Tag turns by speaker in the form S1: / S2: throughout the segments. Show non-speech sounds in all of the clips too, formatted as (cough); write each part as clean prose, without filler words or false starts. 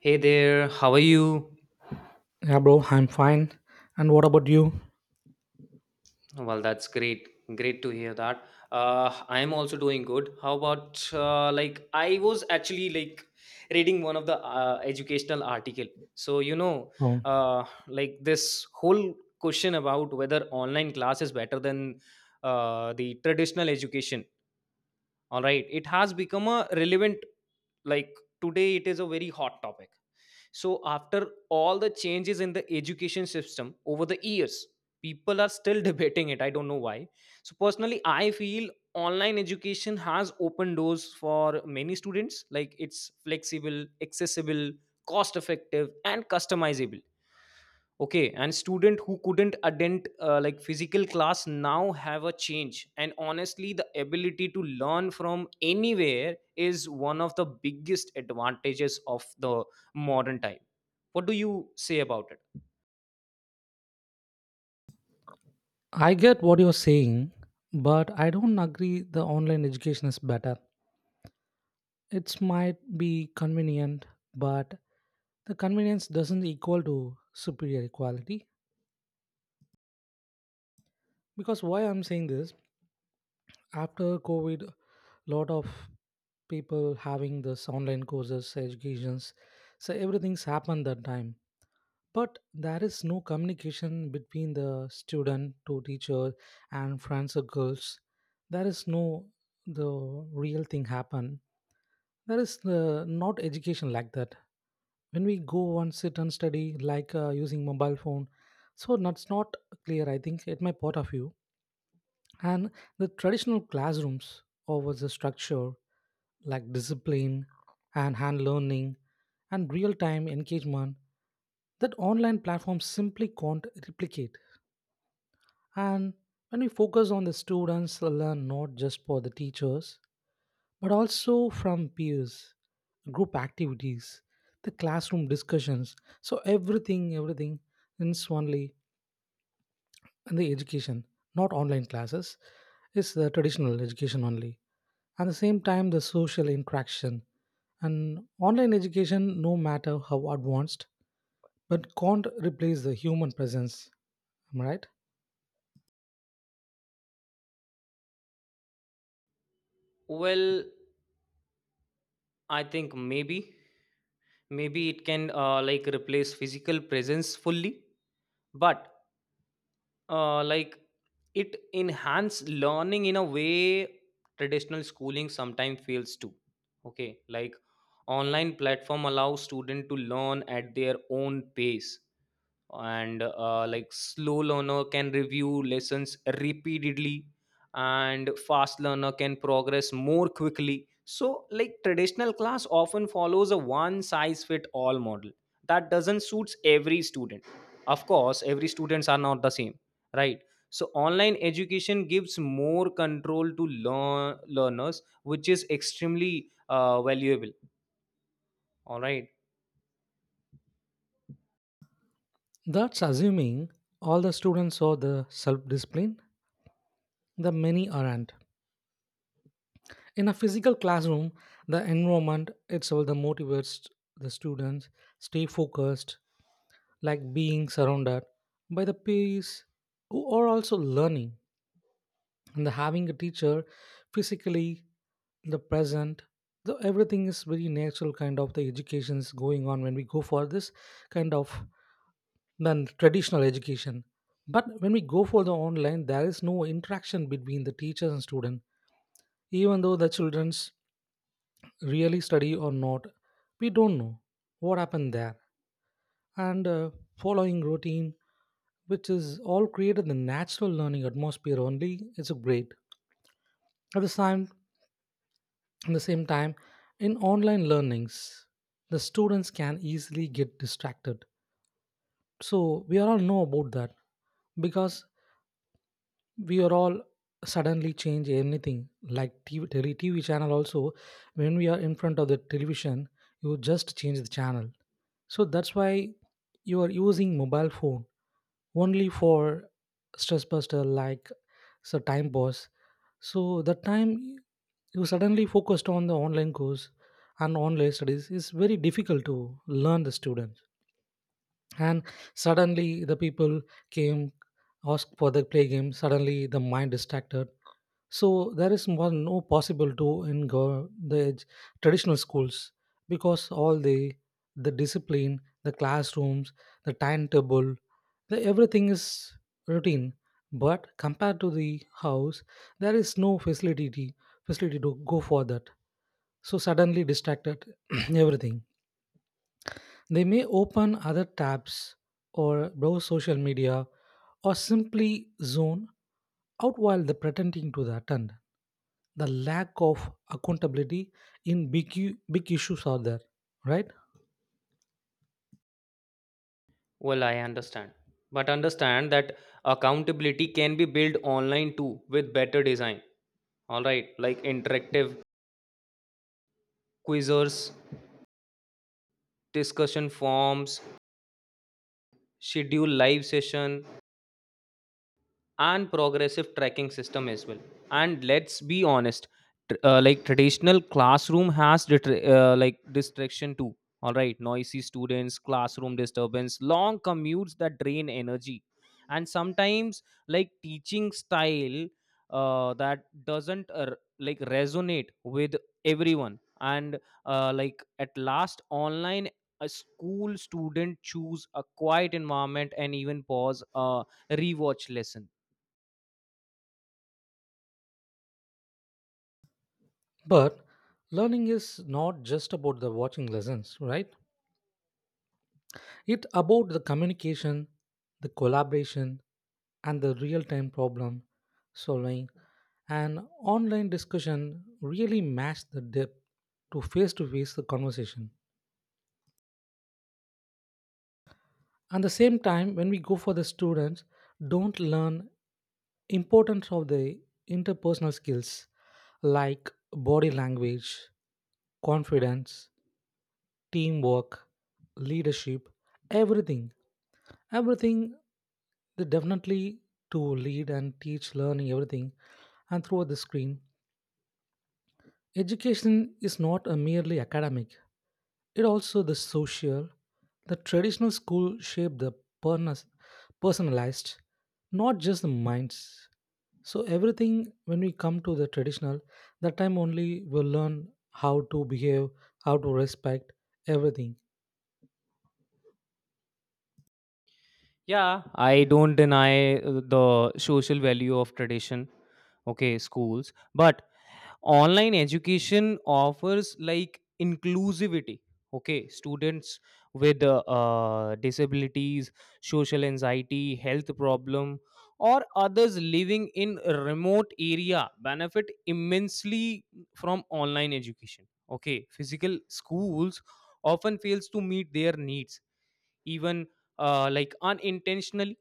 S1: Hey there, how are you?
S2: Yeah, bro, I'm fine. And what about you?
S1: Well, that's great. Great to hear that. I'm also doing good. How about I was actually reading one of the educational article. So you know,
S2: Oh,
S1: like this whole question about whether online class is better than the traditional education. All right, it has become a relevant like today. It is a very hot topic. So, after all the changes in the education system over the years, people are still (laughs) debating it. I don't know why. So, personally, I feel online education has opened doors for many students. Like, it's flexible, accessible, cost effective, and customizable, okay, and student who couldn't attend like physical class now have a change, and honestly the ability to learn from anywhere is one of the biggest advantages of the modern time. What do you say about it?
S2: I get what you're saying, but I don't agree the online education is better. It might be convenient, but the convenience doesn't equal to superior quality. Because why I'm saying this, after COVID, lot of people having this online courses, educations, so everything's happened that time. But there is no communication between the student to teacher and friends or girls, there is no the real thing happen, there is not education like that when we go and sit and study like using mobile phone. So that's not clear, I think, at my point of view. And the traditional classrooms or was the structure, like discipline and hand learning and real time engagement that online platforms simply can't replicate. And when we focus on the students, they learn not just for the teachers, but also from peers, group activities, the classroom discussions. So everything, everything is only in the education, not online classes. It's the traditional education only. At the same time, the social interaction and online education, no matter how advanced, but can't replace the human presence. Am I right?
S1: Well, I think maybe it can like replace physical presence fully, but like it enhance learning in a way traditional schooling sometimes fails to. Okay, like online platform allows student to learn at their own pace, and like slow learner can review lessons repeatedly, and fast learner can progress more quickly. So like traditional class often follows a one size fit all model that doesn't suits every student. Of course every students are not the same, right? So online education gives more control to learners, which is extremely valuable, all right.
S2: That's assuming all the students saw the self-discipline. The many aren't. In a physical classroom, the environment itself the motivates the students stay focused, like being surrounded by the peers who are also learning. And the having a teacher physically in the present, the everything is very natural kind of the education is going on when we go for this kind of than traditional education. But when we go for the online, there is no interaction between the teachers and student. Even though the children's really study or not, we don't know what happened there. And following routine, which is all created the natural learning atmosphere only, it's a great at the same. At the same time, in online learnings, the students can easily get distracted. So we all know about that because we are all suddenly change anything like TV, TV channel also. When we are in front of the television, you just change the channel. So that's why you are using mobile phone only for stress buster, like it's a time boss. So the time you suddenly focused on the online course and online studies is very difficult to learn the students. And suddenly the people came ask for the play game, suddenly the mind distracted. So there is more no possible to in go- the ed- traditional schools because all the discipline, the classrooms, the timetable, the, everything is routine. But compared to the house, there is no facility to go for that. So suddenly distracted (clears throat) everything. They may open other tabs or browse social media or simply zone out while they pretending to the attend. The lack of accountability in big issues are there, right?
S1: Well, I understand. But understand that accountability can be built online too with better design. All right, like interactive quizzes, discussion forms, schedule live session, and progressive tracking system as well. And let's be honest, like traditional classroom has like distraction too. All right, noisy students, classroom disturbance, long commutes that drain energy, and sometimes like teaching style that doesn't like resonate with everyone. And like at last online a school student choose a quiet environment and even pause a rewatch lesson.
S2: But learning is not just about the watching lessons, right? It about the communication, the collaboration, and the real-time problem solving. An online discussion really match the depth to face-to-face the conversation. At the same time, when we go for the students, don't learn importance of the interpersonal skills like body language, confidence, teamwork, leadership, everything. Everything they definitely to lead and teach learning everything and throughout the screen. Education is not a merely academic, it also the social. The traditional school shape the pernas- personalized, not just the minds. So everything when we come to the traditional, that time only we'll learn how to behave, how to respect everything.
S1: Yeah, I don't deny the social value of tradition, okay, schools, but online education offers like inclusivity, okay, students with disabilities, social anxiety, health problem, or others living in remote area benefit immensely from online education. Okay, physical schools often fails to meet their needs, even like unintentionally,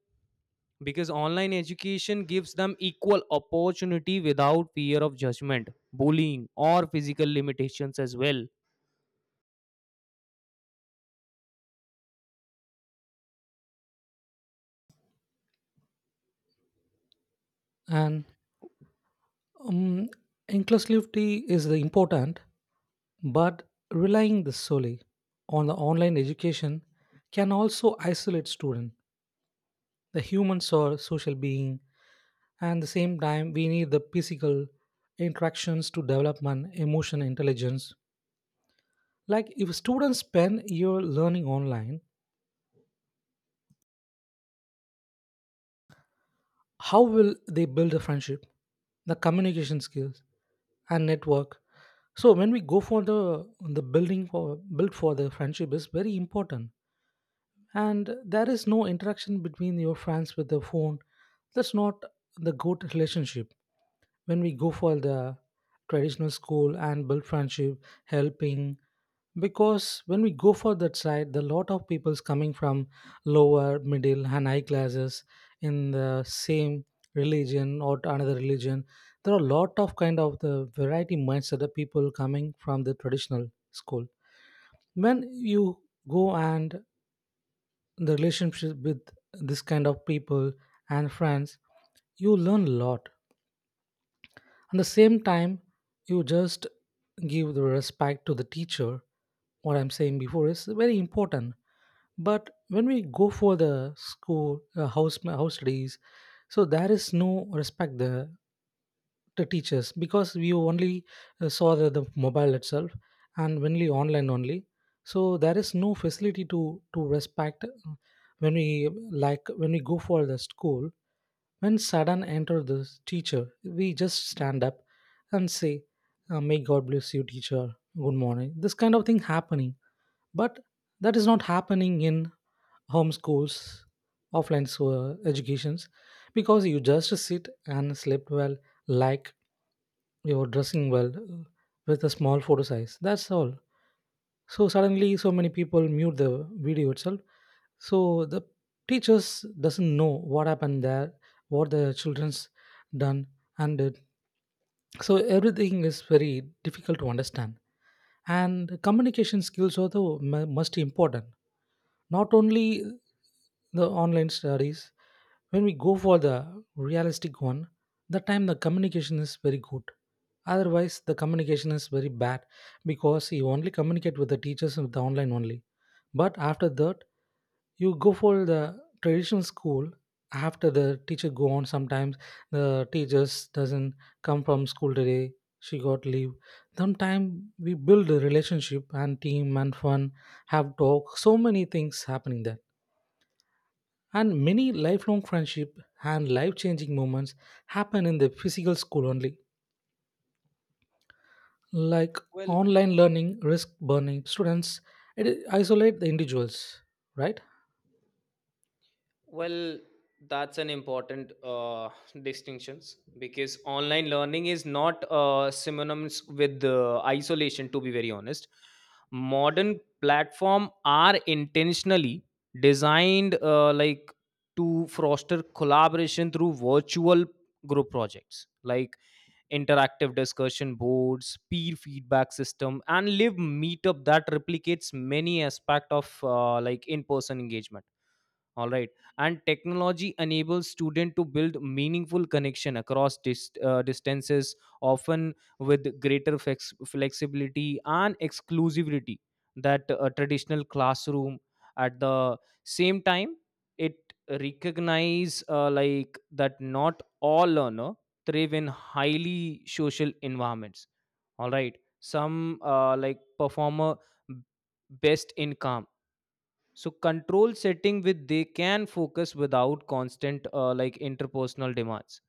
S1: because online education gives them equal opportunity without fear of judgment, bullying, or physical limitations as well.
S2: And um, inclusivity is the important, but relying the solely on the online education can also isolate students. The humans are social being, and at the same time, we need the physical interactions to develop an emotional intelligence. Like if students spend year learning online, how will they build a friendship, the communication skills, and network? So when we go for the building for the friendship is very important, and there is no interaction between your friends with the phone. That's not the good relationship. When we go for the traditional school and build friendship helping, because when we go for that side, the lot of people's coming from lower middle and high classes in the same religion or to another religion. There are a lot of kind of the variety mindset of people coming from the traditional school. When you go and the relationship with this kind of people and friends, you learn a lot. At the same time, you just give the respect to the teacher. What I'm saying before is very important. But when we go for the school, house studies, so there is no respect there to teachers because we only saw the mobile itself and only online only. So there is no facility to respect when we like when we go for the school, when Sadan entered the teacher, we just stand up and say, May God bless you, teacher. Good morning. This kind of thing happening. But that is not happening in home schools, offline so, educations, because you just sit and sleep well, like you're dressing well with a small photo size. That's all. So suddenly so many people mute the video itself. So the teachers doesn't know what happened there, what the children's done and did. So everything is very difficult to understand. And communication skills are the must important, not only the online studies. When we go for the realistic one, the time the communication is very good. Otherwise, the communication is very bad because you only communicate with the teachers with the online only. But after that, you go for the traditional school. After the teacher go on sometimes, the teachers doesn't come from school today, she got leave sometime. We build a relationship and team and fun, have talk, so many things happening there, and many lifelong friendship and life changing moments happen in the physical school only. Like
S1: Well,
S2: online learning risk burning students, it isolate the individuals, right?
S1: well, that's an important distinctions because online learning is not synonymous with isolation. To be very honest, modern platform are intentionally designed like to foster collaboration through virtual group projects, like interactive discussion boards, peer feedback system, and live meetup that replicates many aspect of like in person engagement, all right. And technology enables student to build meaningful connection across distances, often with greater flexibility and exclusivity that a traditional classroom. At the same time, it recognize like that not all learner thrive in highly social environments. All right. Some like performer best in calm so control setting with they can focus without constant like interpersonal demands.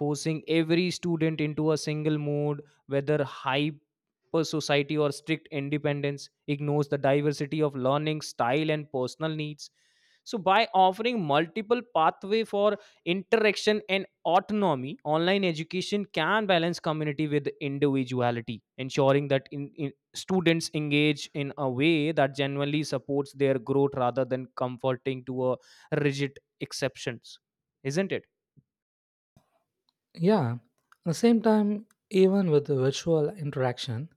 S1: Forcing every student into a single mode, whether hyper society or strict independence, ignores the diversity of learning style and personal needs. So, by offering multiple pathway for interaction and autonomy, online education can balance community with individuality, ensuring that in students engage in a way that genuinely supports their growth rather than comforting to a rigid exceptions. Isn't it?
S2: Yeah, at the same time, even with the virtual interaction,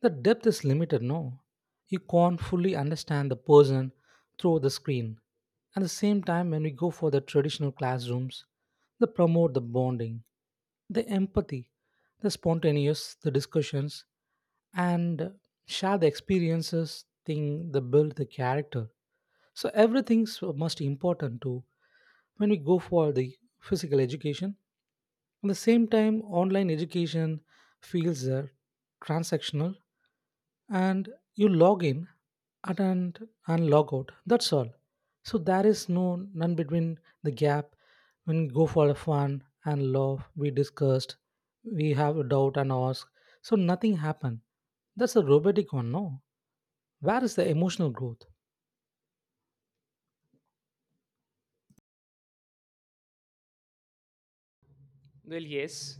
S2: the depth is limited, no? You can't fully understand the person through the screen. At the same time, when we go for the traditional classrooms, they promote the bonding, the empathy, the spontaneous, the discussions, and share the experiences, thing, the build the character. So everything's most important too. When we go for the physical education, at the same time, online education feels transactional, and you log in at and, and log out. That's all. So there is no none between the gap when you go for a fun and love. We discussed, we have a doubt and ask. So nothing happened. That's a robotic one, no? Where is the emotional growth?
S1: Well, yes.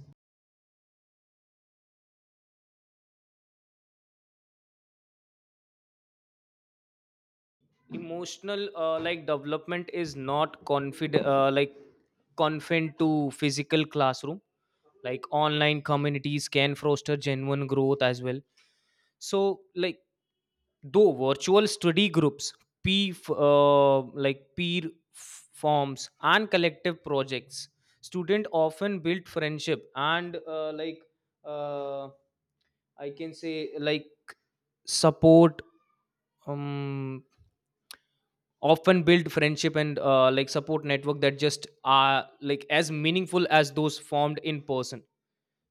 S1: Emotional like development is not confid like confined to physical classroom, like online communities can foster genuine growth as well. So like though virtual study groups, peer f- uh, like forms and collective projects, student often build friendship and uh, I can say like support, um often build friendship and like support network that just are like as meaningful as those formed in person.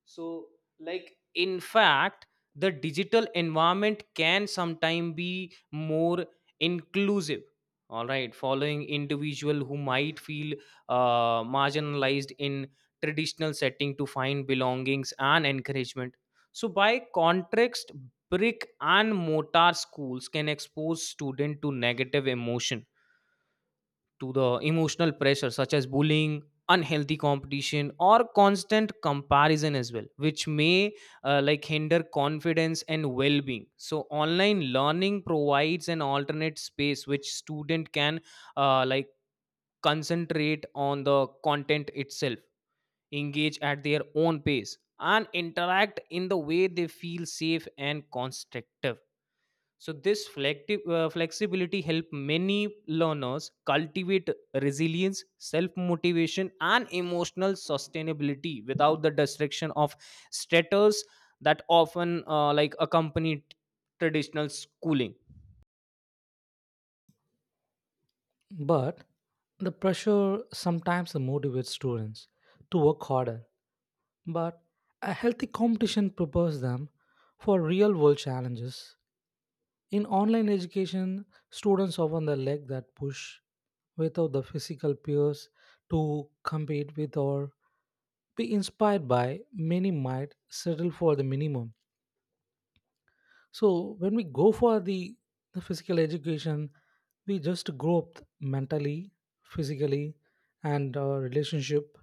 S1: So like in fact the digital environment can sometimes be more inclusive, all right, following individual who might feel marginalized in traditional setting to find belongings and encouragement. So by contrast brick and mortar schools can expose student to negative emotion, to the emotional pressure such as bullying, unhealthy competition, or constant comparison as well, which may like hinder confidence and well-being. So online learning provides an alternate space which student can like concentrate on the content itself, engage at their own pace, and interact in the way they feel safe and constructive. So this flexibility help many learners cultivate resilience, self motivation, and emotional sustainability without the distraction of status that often like accompany traditional schooling.
S2: But the pressure sometimes motivates students to work harder, but a healthy competition prepares them for real world challenges. In online education, students often the lack that push without the physical peers to compete with or be inspired by, many might settle for the minimum. So when we go for the physical education, we just grow up mentally, physically, and our relationship,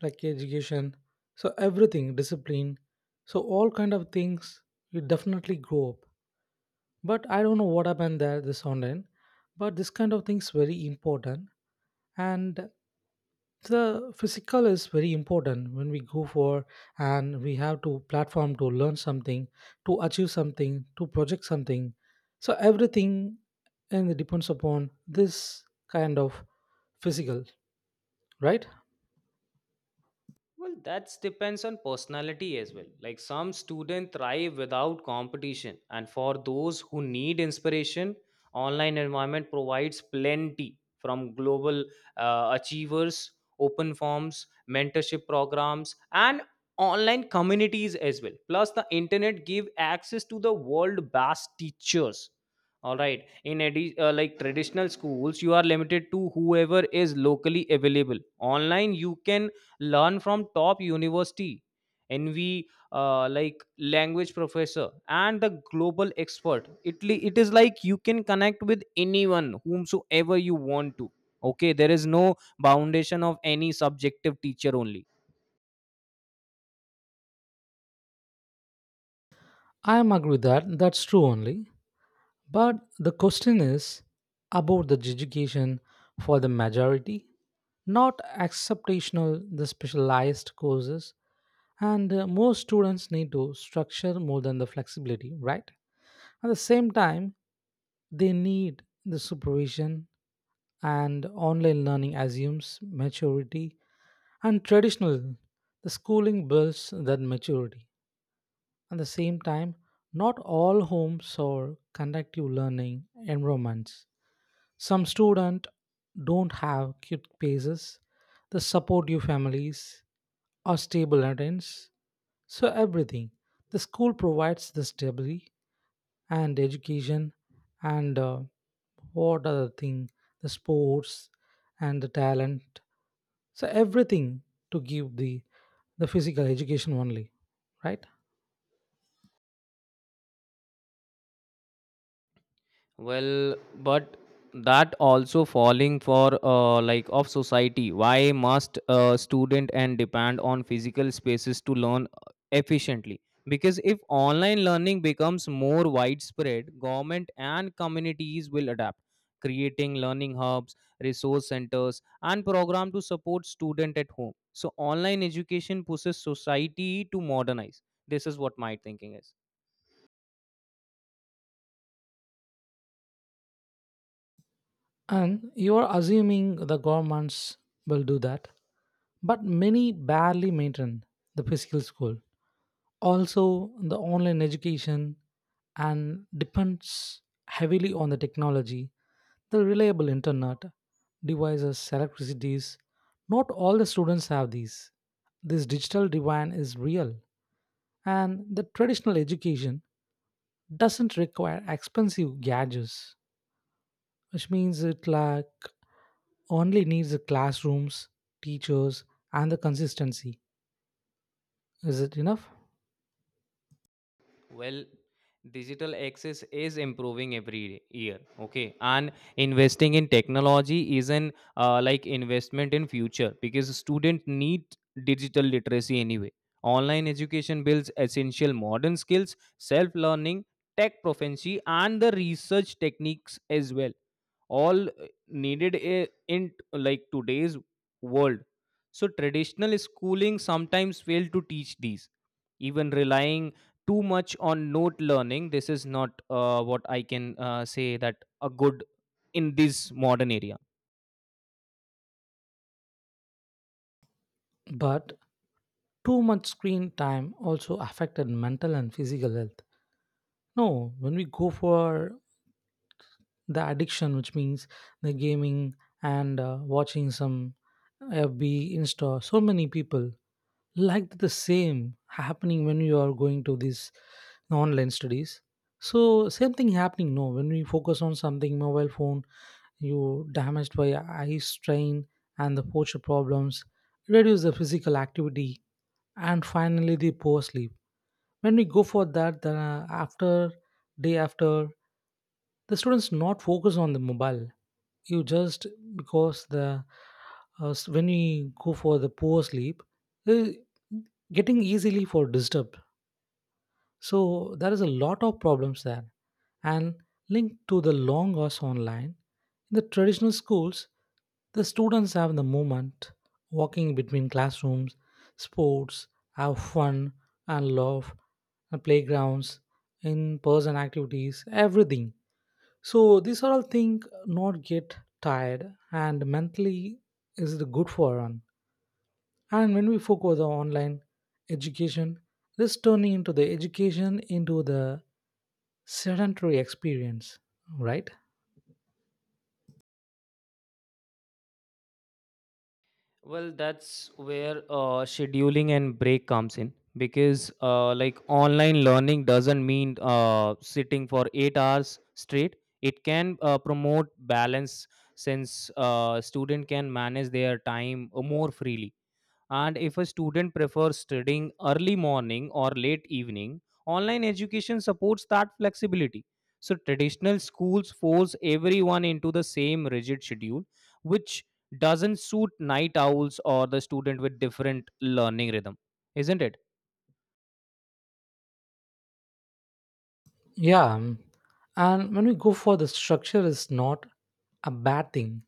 S2: like education. So everything, discipline. So all kind of things, we definitely grow up. But I don't know what happened there this online. But this kind of things very important, and the physical is very important when we go for, and we have to platform to learn something, to achieve something, to project something. So everything, and it depends upon this kind of physical, right?
S1: Well, that depends on personality as well. Like some students thrive without competition, and for those who need inspiration, online environment provides plenty from global achievers, open forms, mentorship programs, and online communities as well. Plus, the internet give access to the world best teachers. All right. Like traditional schools, you are limited to whoever is locally available. Online, you can learn from top university, envy, like language professor and the global expert. It is like you can connect with anyone whomsoever you want to. Okay, there is no foundation of any subjective teacher only.
S2: I am agree with that, that's true only. But the question is about the education for the majority, not exceptional the specialized courses. And most students need to structure more than the flexibility, right? At the same time, they need the supervision, and online learning assumes maturity, and traditional the schooling builds that maturity. At the same time, not all homes or conductive learning environments. Some students don't have cute paces, the supportive families, or stable attendance. So everything. The school provides the stability and education, and what other thing? The sports and the talent. So everything to give the physical education only, right?
S1: Well, but that also falling for like of society. Why must a student and depend on physical spaces to learn efficiently? Because if online learning becomes more widespread, government and communities will adapt, creating learning hubs, resource centers, and program to support student at home. So online education pushes society to modernize. This is what my thinking is.
S2: And you are assuming the governments will do that, but many barely maintain the physical school. Also, the online education and depends heavily on the technology, the reliable internet, devices, electricities. Not all the students have these. This digital divide is real, and the traditional education doesn't require expensive gadgets, which means it like only needs the classrooms, teachers, and the consistency. Is it enough?
S1: Well, digital access is improving every year. Okay, and investing in technology is an like investment in future, because students need digital literacy anyway. Online education builds essential modern skills, self-learning, tech proficiency, and the research techniques as well, all needed in like today's world. So traditional schooling sometimes fail to teach these, even relying too much on note learning. This is not what I can say that a good in this modern area.
S2: But too much screen time also affected mental and physical health. No, when we go for the addiction, which means the gaming and watching some FB Insta, so many people, like the same happening when you are going to these online studies. So same thing happening. No, when we focus on something, mobile phone, you damaged by eye strain and the posture problems, reduce the physical activity, and finally the poor sleep. When we go for that, then after day after, the students not focus on the mobile. You just because the when we go for the poor sleep, uh, getting easily for disturb, so there is a lot of problems there and linked to the long hours online. In the traditional schools, the students have the movement, walking between classrooms, sports, have fun and love, and playgrounds, in-person activities, everything. So these are all things not get tired and mentally, is it good for one. And when we focus on online education, this turning into the education into the sedentary experience, right?
S1: Well, that's where scheduling and break comes in, because like online learning doesn't mean sitting for 8 hours straight. It can promote balance since student can manage their time more freely. And if a student prefers studying early morning or late evening, online education supports that flexibility. So traditional schools force everyone into the same rigid schedule, which doesn't suit night owls or the student with different learning rhythm, isn't it?
S2: Yeah. And when we go for the structure is not a bad thing.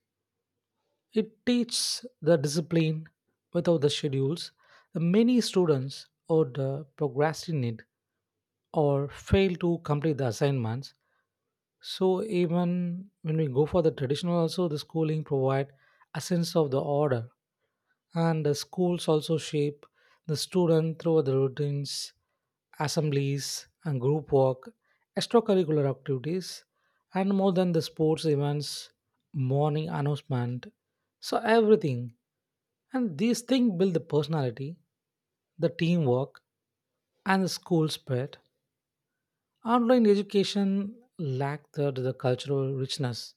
S2: It teaches the discipline without the schedules. The many students would procrastinate or fail to complete the assignments. So even when we go for the traditional also, the schooling provide a sense of the order, and the schools also shape the student through the routines, assemblies and group work, extracurricular activities, and more than the sports events, morning announcement. So everything, and these things build the personality, the teamwork, and the school spirit. Online education lacked the cultural richness,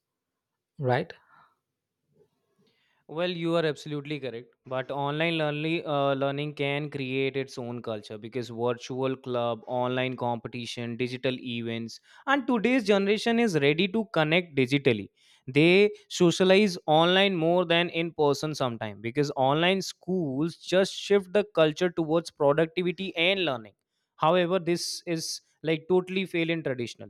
S2: right?
S1: Well, you are absolutely correct. But online learning can create its own culture, because virtual club, online competition, digital events, and today's generation is ready to connect digitally. They socialize online more than in person sometimes, because online schools just shift the culture towards productivity and learning. However, this is like totally fail in traditional,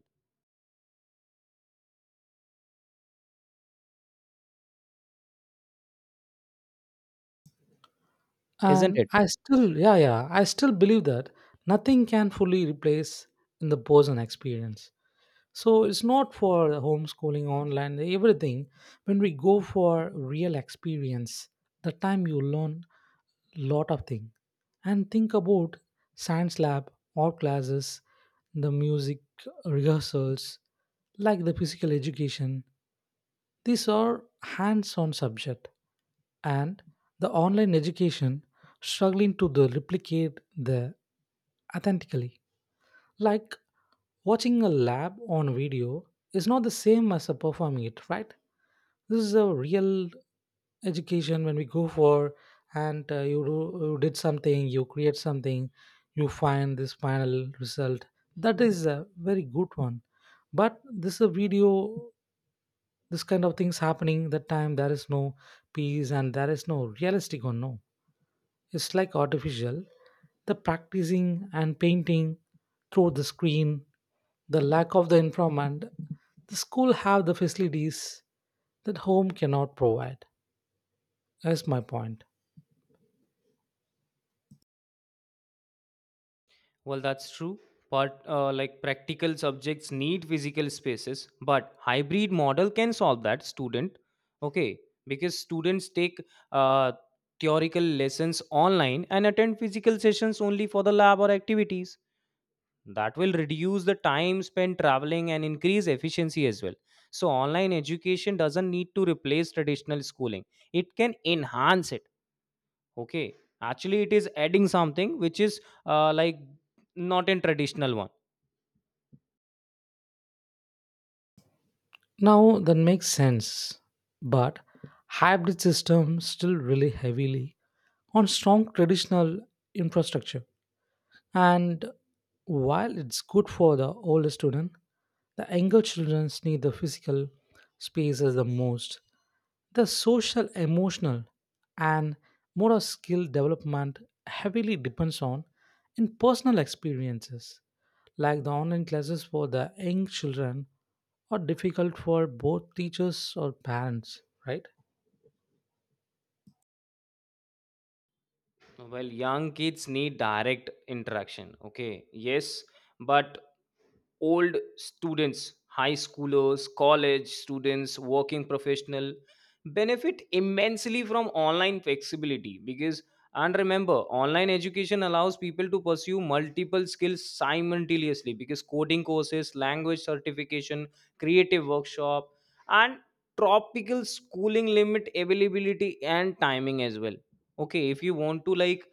S1: isn't
S2: And
S1: it?
S2: I still, I still believe that nothing can fully replace in the person experience. So it's not for the homeschooling, online, everything. When we go for real experience, the time you learn lot of thing. And think about science lab, art classes, the music rehearsals, like the physical education. These are hands on subject, and the online education struggling to the replicate the authentically. Like watching a lab on video is not the same as a performing it, right? This is a real education when we go for, and you did something, you create something, you find this final result. That is a very good one. But this is a video, this kind of things happening that time, there is no peace and there is no realistic or no, it's like artificial, the practicing and painting through the screen. The lack of the environment, the school have the facilities that home cannot provide, that's my point.
S1: Well, that's true. But like practical subjects need physical spaces, but hybrid model can solve that student. Okay, because students take uh, theoretical lessons online and attend physical sessions only for the lab or activities. That will reduce the time spent traveling and increase efficiency as well. So online education doesn't need to replace traditional schooling; it can enhance it. Okay, actually, it is adding something which is like not in traditional one.
S2: Now that makes sense, but hybrid system still rely heavily on strong traditional infrastructure. And while it's good for the older student, the younger children need the physical spaces the most. The social, emotional, and motor skill development heavily depends on in personal experiences. Like the online classes for the young children are difficult for both teachers or parents, right?
S1: Well, young kids need direct interaction. Okay, yes, but old students, high schoolers, college students, working professional benefit immensely from online flexibility. Because, and remember, online education allows people to pursue multiple skills simultaneously, because coding courses, language certification, creative workshop, and tropical schooling limit availability and timing as well. Okay, if you want to like,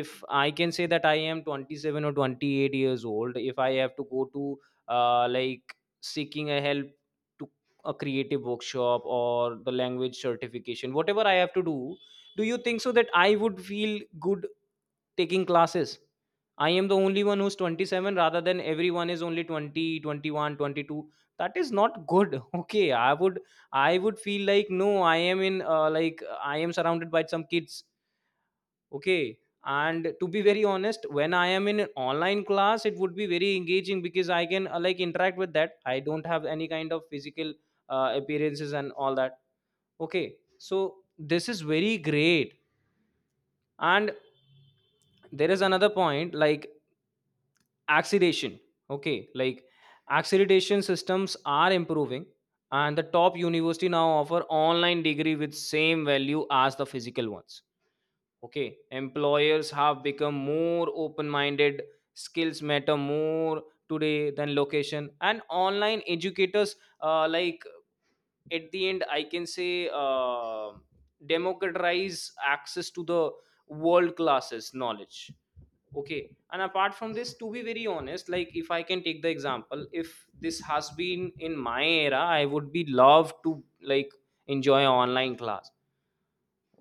S1: if I can say that I am 27 or 28 years old, if I have to go to like seeking a help to a creative workshop or the language certification, whatever I have to do, do you think so that I would feel good taking classes? I am the only one who's 27 rather than everyone is only 20, 21, 22. That is not good. (laughs) Okay, I would feel like, no, I am in like I am surrounded by some kids. Okay, and to be very honest, when I am in an online class, it would be very engaging, because I can like interact with that. I don't have any kind of physical appearances and all that. Okay, so this is very great. And there is another point, like accreditation. Okay, like accreditation systems are improving, and the top university now offer online degree with same value as the physical ones. Okay, employers have become more open minded. Skills matter more today than location. And online educators, like at the end I can say democratize access to the world classes knowledge. Okay, and apart from this, to be very honest, like if I can take the example, if this has been in my era, I would be love to like enjoy online class.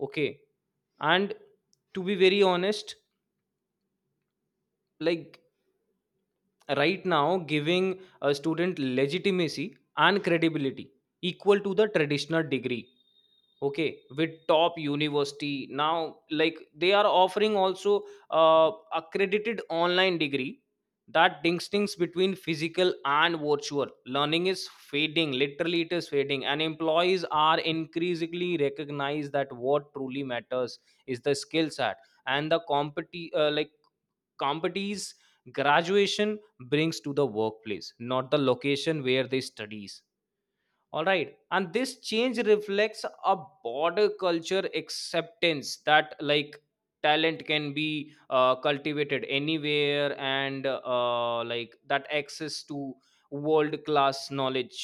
S1: Okay, and to be very honest, like right now giving a student legitimacy and credibility equal to the traditional degree. Okay, with top university now, like they are offering also accredited online degree, that distinction between physical and virtual learning is fading, literally it is fading, and employees are increasingly recognize that what truly matters is the skill set and the like competes graduation brings to the workplace, not the location where they studies. All right, and this change reflects a broader culture acceptance that like talent can be cultivated anywhere, and like that access to world class knowledge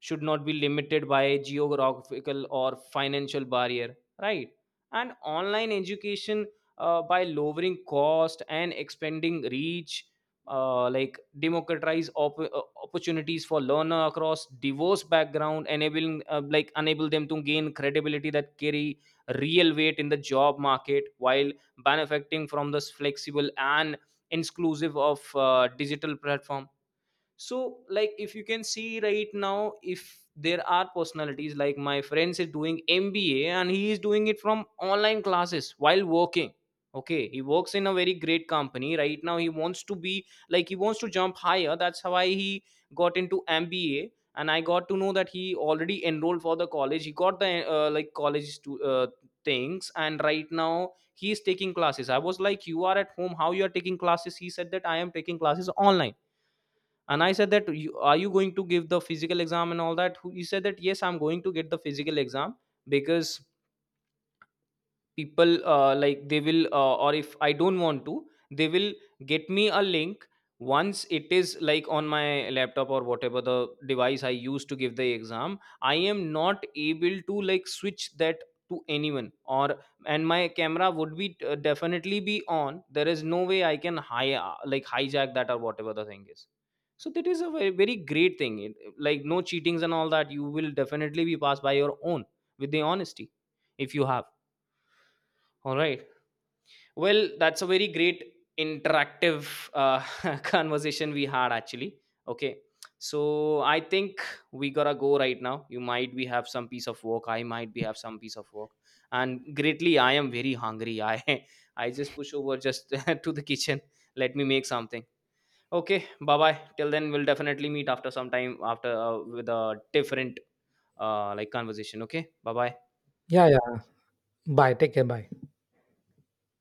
S1: should not be limited by geographical or financial barrier, right? And online education, by lowering cost and expanding reach, like democratize opportunities for learner across diverse background, enabling enable them to gain credibility that carry real weight in the job market, while benefiting from this flexible and inclusive of digital platform. So like if you can see right now, if there are personalities like my friends is doing mba and he is doing it from online classes while working. Okay, he works in a very great company right now. He wants to be like he wants to jump higher, that's why he got into mba. And I got to know that he already enrolled for the college. He got the like college to things, and right now he is taking classes. I was like, you are at home, how you are taking classes? He said that I am taking classes online. And I said that are you going to give the physical exam and all that? He said that yes, I'm going to get the physical exam, because people like they will or if I don't want to, they will get me a link. Once it is like on my laptop or whatever the device I use to give the exam, I am not able to like switch that to anyone or, and my camera would be definitely be on. There is no way I can like hijack that or whatever the thing is. So that is a very, very great thing, it, like no cheatings and all that. You will definitely be passed by your own with the honesty, if you have. All right, well, that's a very great interactive uh, (laughs) conversation we had actually. Okay. So I think we gotta go right now. You might be have some piece of work. I might be have some piece of work. And greatly, I am very hungry. I (laughs) I just push over just (laughs) to the kitchen. Let me make something. Okay. Bye bye. Till then, we'll definitely meet after some time after with a different like conversation. Okay. Bye bye.
S2: Yeah, yeah. Bye. Take care. Bye.